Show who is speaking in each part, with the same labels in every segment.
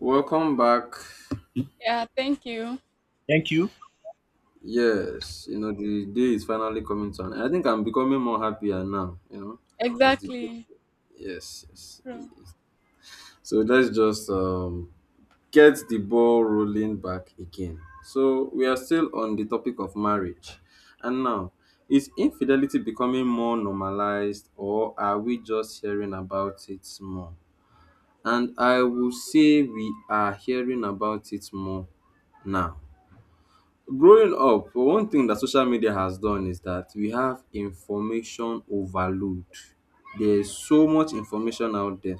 Speaker 1: Welcome back.
Speaker 2: Yeah, thank you.
Speaker 3: Thank you.
Speaker 1: Yes, you know the day is finally coming to an end. I think I'm becoming more happier now. You know, as the
Speaker 2: Exactly.
Speaker 1: yes, yes.
Speaker 2: True.
Speaker 1: So let's just get the ball rolling back again. So we are still on the topic of marriage, and now is infidelity becoming more normalized, or are we just hearing about it more? And I will say we are hearing about it more now. Growing up, one thing that social media has done is that we have information overload. There's so much information out there.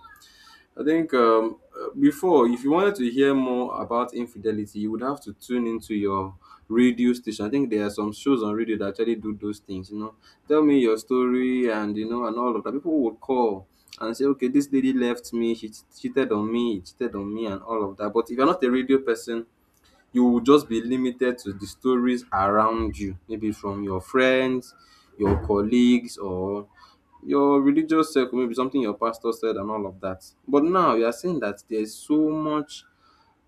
Speaker 1: I think before, if you wanted to hear more about infidelity, you would have to tune into your radio station. I think there are some shows on radio that actually do those things. You know, tell me your story, and you know, and all of that. People would call and say, "Okay, this lady left me. She cheated on me. He Cheated on me, and all of that." But if you're not a radio person, you will just be limited to the stories around you, maybe from your friends, your colleagues, or your religious circle, maybe something your pastor said, and all of that. But now you are saying that there's so much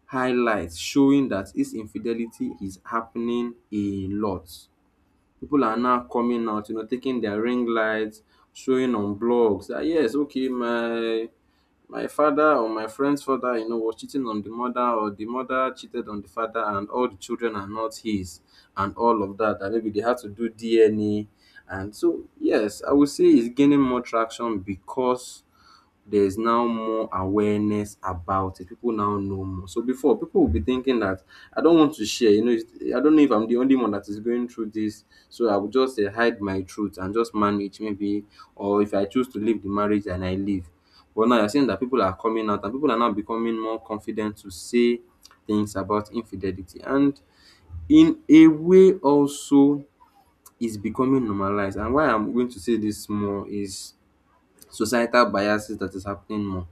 Speaker 1: highlights showing that his infidelity is happening a lot. People are now coming out, you know, taking their ring lights, showing on blogs that yes, okay, my father or my friend's father, you know, was cheating on the mother, or the mother cheated on the father, and all the children are not his, and all of that. That maybe they had to do DNA, and so yes, I would say it's gaining more traction because there is now more awareness about it. People now know more. So before, people will be thinking that I don't want to share. You know, it's, I don't know if I'm the only one that is going through this. So I will just hide my truth and just manage maybe. Or if I choose to leave the marriage, and I leave. But now you're seeing that people are coming out and people are now becoming more confident to say things about infidelity. And in a way, also, is becoming normalized. And why I'm going to say this more is societal biases that is happening more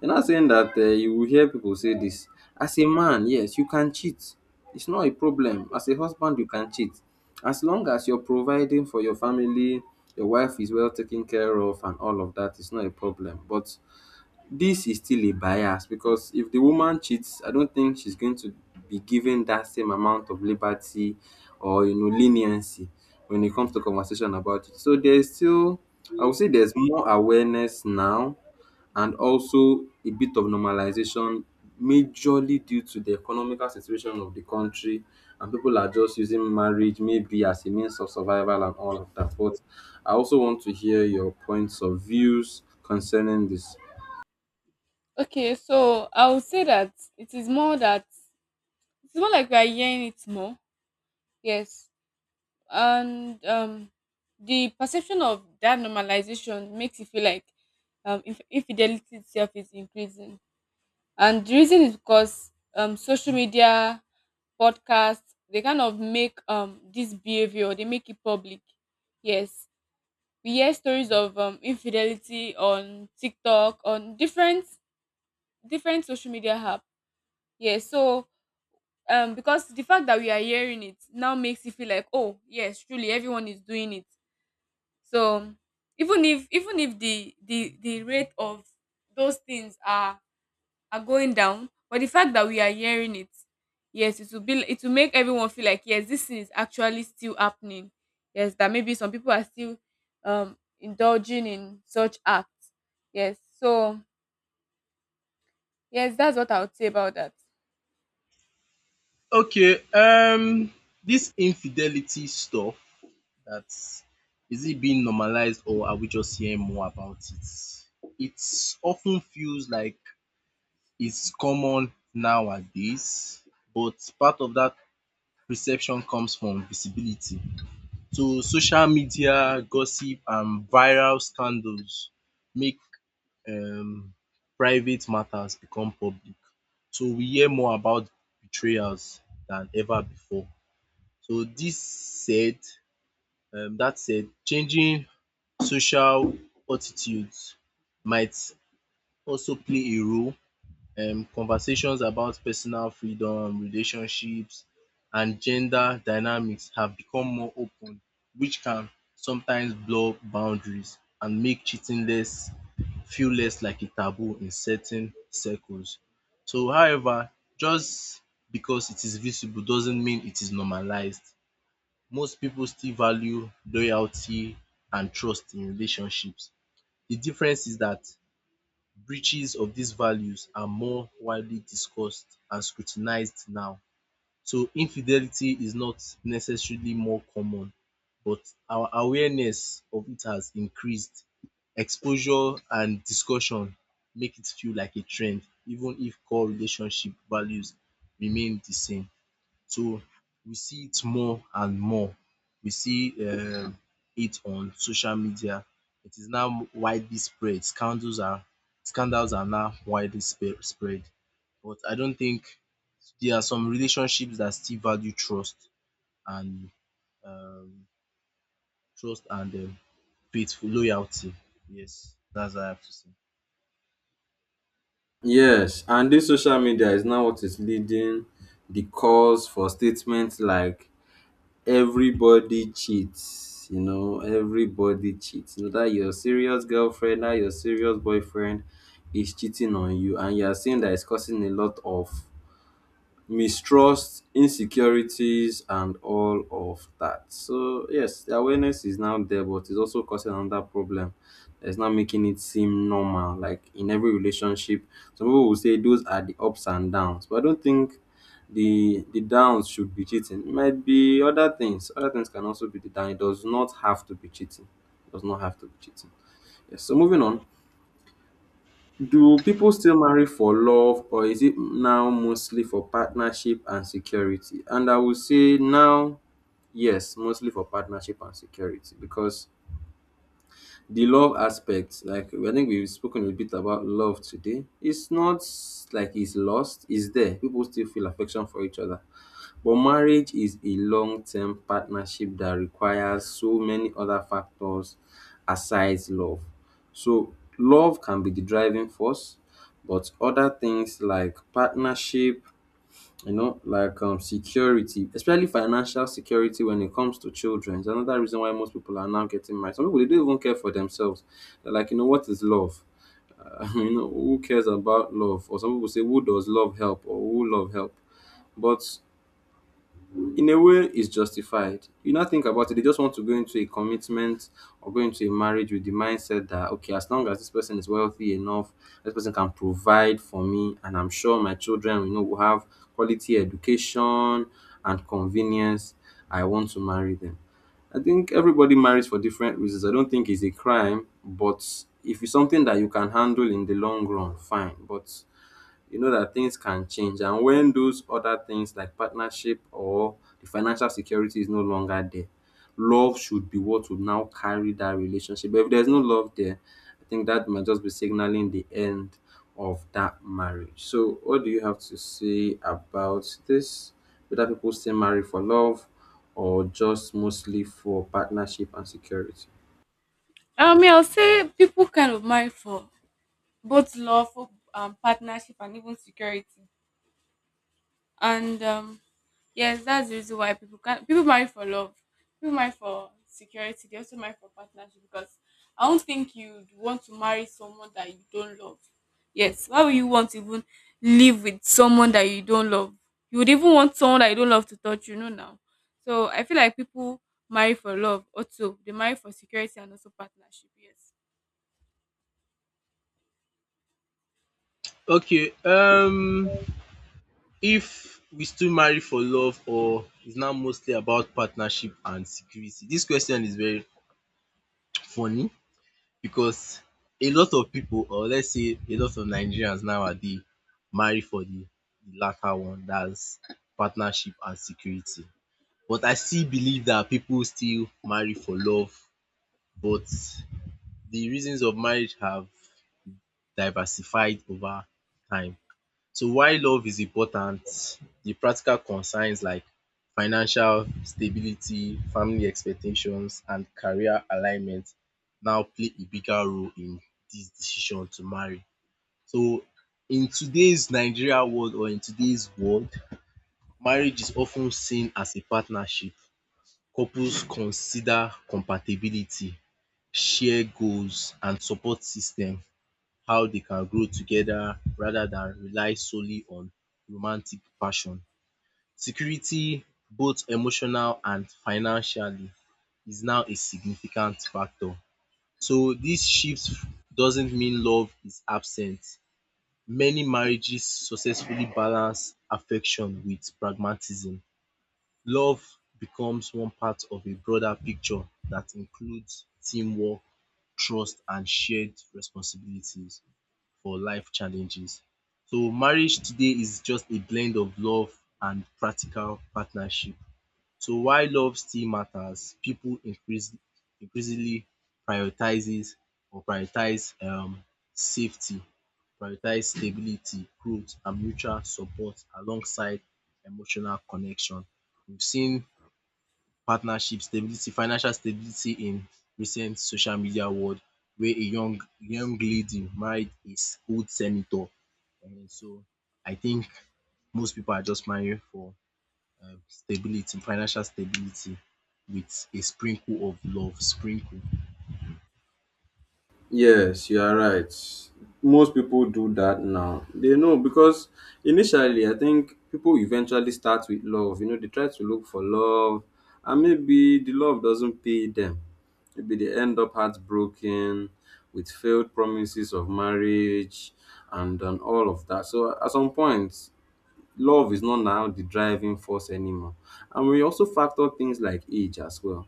Speaker 1: you're not saying that you will hear people say this. As a man, yes, you can cheat. It's not a problem. As a husband, you can cheat. As long as you're providing for your family, your wife is well taken care of, and all of that, it's not a problem. But this is still a bias because if the woman cheats, I don't think she's going to be given that same amount of liberty or you know leniency when it comes to conversation about it. So there's still, I would say, there's more awareness now, and also a bit of normalization, majorly due to the economical situation of the country, and people are just using marriage maybe as a means of survival and all of that. But I also want to hear your points of views concerning this.
Speaker 2: Okay, so I would say that it is more that it's more like we are hearing it more. Yes. And the perception of that normalization makes you feel like infidelity itself is increasing. And the reason is because social media, podcasts, they kind of make this behavior, they make it public. Yes. We hear stories of infidelity on TikTok, on different social media app. Yeah, so because the fact that we are hearing it now makes you feel like, oh yes, truly everyone is doing it. So even if the rate of those things are going down, but the fact that we are hearing it, yes, it will make everyone feel like, yes, this thing is actually still happening. Yes, that maybe some people are still indulging in such acts. Yes. So yes, that's what I would say about that.
Speaker 3: Okay, this infidelity stuff that's is it being normalized or are we just hearing more about it? It often feels like it's common nowadays, but part of that perception comes from visibility. So social media, gossip and viral scandals make um private matters become public. So we hear more about betrayals than ever before. So that said, changing social attitudes might also play a role. Conversations about personal freedom, relationships and gender dynamics have become more open, which can sometimes blur boundaries and make cheating less feel less like a taboo in certain circles. So however, just because it is visible doesn't mean it is normalized. Most people still value loyalty and trust in relationships. The difference is that breaches of these values are more widely discussed and scrutinized now. So infidelity is not necessarily more common, but our awareness of it has increased. Exposure and discussion make it feel like a trend even if core relationship values remain the same. So we see it more and more. We see it on social media. It is now widely spread. Scandals are now widely spread. But I don't think. There are some relationships that still value and um, trust and faithful loyalty. Yes, that's what I have to say.
Speaker 1: Yes, and this social media is now what is leading the calls for statements like everybody cheats, you know, everybody cheats. You know that your serious girlfriend, that your serious boyfriend is cheating on you, and you are seeing that it's causing a lot of mistrust, insecurities, and all of that. So yes, the awareness is now there, but it's also causing another problem. It's not making it seem normal. Like in every relationship, some people will say those are the ups and downs, but I don't think the downs should be cheating. It might be other things. Other things can also be the down. It does not have to be cheating. It does not have to be cheating. Yes. So moving on. Do people still marry for love or is it now mostly for partnership and security? And I would say now, yes, mostly for partnership and security because the love aspect, like I think we've spoken a bit about love today, it's not like it's lost, it's there. People still feel affection for each other but marriage is a long-term partnership that requires so many other factors aside love. So love can be the driving force, but other things like partnership, you know, like security, especially financial security when it comes to children. Is another reason why most people are now getting married. Some people they don't even care for themselves. They're like, you know, what is love? You know, who cares about love? Or some people say, who does love help? Or who love help? But in a way is justified. You now think about it, they just want to go into a commitment or go into a marriage with the mindset that okay, as long as this person is wealthy enough, this person can provide for me, and I'm sure my children you know will have quality education and convenience. I want to marry them. I think everybody marries for different reasons. I don't think it's a crime, but if it's something that you can handle in the long run, fine. But you know that things can change. And when those other things like partnership or the financial security is no longer there, love should be what will now carry that relationship. But if there's no love there, I think that might just be signaling the end of that marriage. So, what do you have to say about this? Whether people still marry for love or just mostly for partnership and security?
Speaker 2: Yeah, I'll say people kind of marry for both love, for partnership and even security. And yes, that's the reason why people marry for love, people marry for security, they also marry for partnership. Because I don't think you'd want to marry someone that you don't love. Yes, why would you want to even live with someone that you don't love? You would even want someone that you don't love to touch you know now. So I feel like people marry for love, also they marry for security and also partnership. Yes.
Speaker 3: Okay, if we still marry for love or is now mostly about partnership and security. This question is very funny because a lot of pipu, or let's say a lot of Nigerians nowadays, marry for the latter one, dat's partnership and security. But I still believe dat pipu still marry for love, but the reasons of marriage have diversified over time. So why love is important, the practical concerns like financial stability, family expectations and career alignment now play a bigger role in dis decision to marry. So in today's Nigeria world, or in today's world, marriage is of ten seen as a partnership. Couples consider compatibility, share goals and support system, how they can grow together rather than rely solely on romantic passion. Security, both emotional and financially, is now a significant factor. So this shift doesn't mean love is absent. Many marriages successfully balance affection with pragmatism. Love becomes one part of a broader picture that includes teamwork, trust, and shared responsibilities for life challenges. So marriage today is just a blend of love and practical partnership. So while love still matters, people increase increasingly prioritizes prioritize safety, prioritize stability, growth and mutual support alongside emotional connection. We've seen partnership stability, financial stability in recent social media world where a young lady married a old senator. And so I think most people are just marrying for stability, financial stability with a sprinkle of love sprinkle.
Speaker 1: Yes, you are right. Most people do that now. They know because initially, I think people eventually start with love. You know, they try to look for love, and maybe the love doesn't pay them. Maybe they end up heartbroken with failed promises of marriage and all of that. So, at some point, love is not now the driving force anymore. And we also factor things like age as well.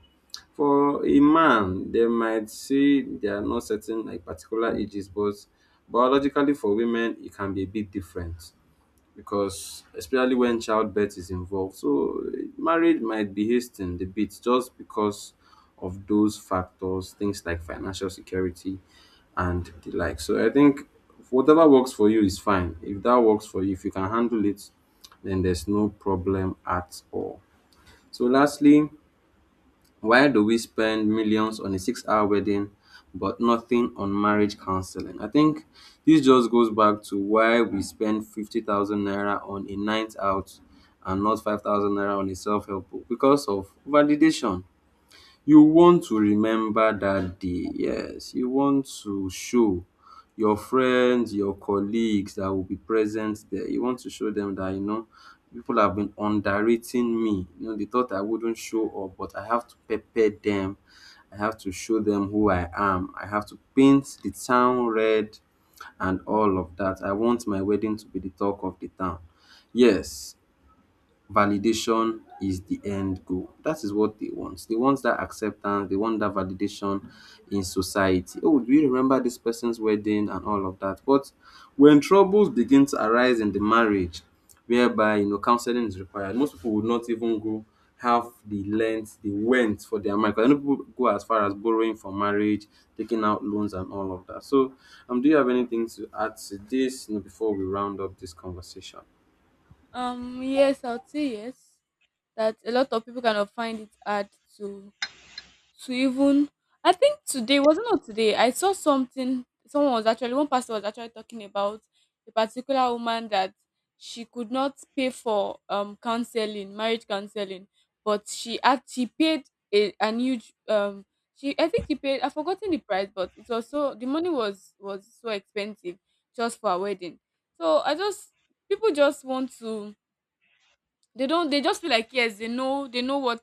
Speaker 1: For a man, they might say they are not certain like particular ages, but biologically for women, it can be a bit different because especially when childbirth is involved. So eh, marriage might be hastened a bit just because of those factors, things like financial security and the like. So I think whatever works for you is fine. If that works for you, if you can handle it, then there's no problem at all. So lastly, why do we spend millions on a 6-hour wedding but nothing on marriage counseling? I think this just goes back to why we spend 50,000 naira on a night out and not 5,000 naira on a self help book because of validation. You want to remember that day. Yes, you want to show your friends, your colleagues that will be present there. You want to show them that, you know, people have been underrating me. You know, they thought I wouldn't show up, but I have to pepper them. I have to show them who I am. I have to paint the town red and all of that. I want my wedding to be the talk of the town. Yes, validation is the end goal. That is what they want. They want that acceptance, they want that validation in society. Oh, do you remember this person's wedding and all of that? But when troubles begin to arise in the marriage, whereby you know counseling is required, most people would not even go have the length they went for their marriage. I know people go as far as borrowing for marriage, taking out loans and all of that. So do you have anything to add to this you know, before we round up this conversation?
Speaker 2: Yes, I'll say yes, that a lot of people kind of find it hard to to even I think today, was it not today, I saw something. Someone was actually, one pastor was actually talking about a particular woman that she could not pay for counseling, marriage counseling, but she paid a an huge she, I think she paid, I've forgotten the price, but it was so, the money was so expensive just for a wedding. So I just people just want to, they don't, they just feel like yes, they know,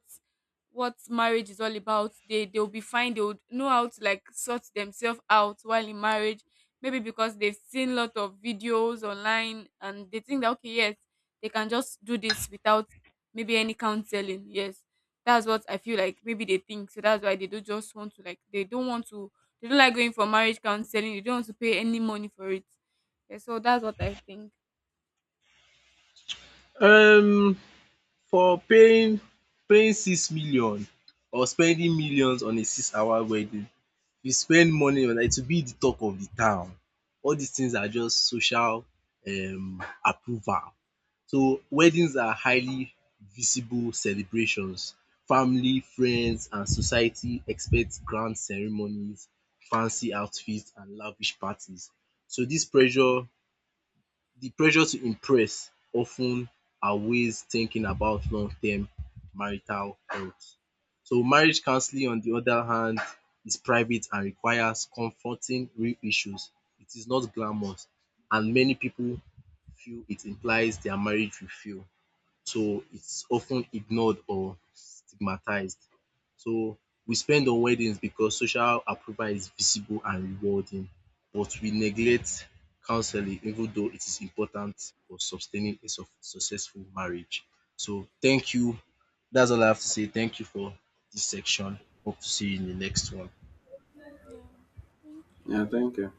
Speaker 2: what marriage is all about, they'll be fine, they would know how to like sort themselves out while in marriage, maybe because they've seen a lot of videos online, and they think that okay, yes, they can just do this without maybe any counseling. Yes, that's what I feel like, maybe they think so. That's why they don't just want to like, they don't want to, they don't like going for marriage counseling, they don't want to pay any money for it. Yeah, so that's what I think.
Speaker 3: Um for paying 6 million or spending millions on a 6-hour wedding, you spend morning or night, you be the talk of the town. All dis things are just social approval. So weddings are highly visible celebrations. Family, friends and society expect grand ceremonies, fancy outfits and lavish parties. So dis pressure The pressure to impress of ten outweighs thinking about long term marital health. So marriage counseling on the other hand is private and requires confronting real issues. It is not glamorous and many pipu feel it implies their marriage will fail. So it's often ignored or stigmatized. So we spend on weddings because social approval is visible and rewarding, but we neglect counseling even though it is important for sustaining a successful marriage. So thank you. That's all I have to say. Thank you for this section. Hope to see you in the next one.
Speaker 2: Yeah.
Speaker 1: Yeah, thank you.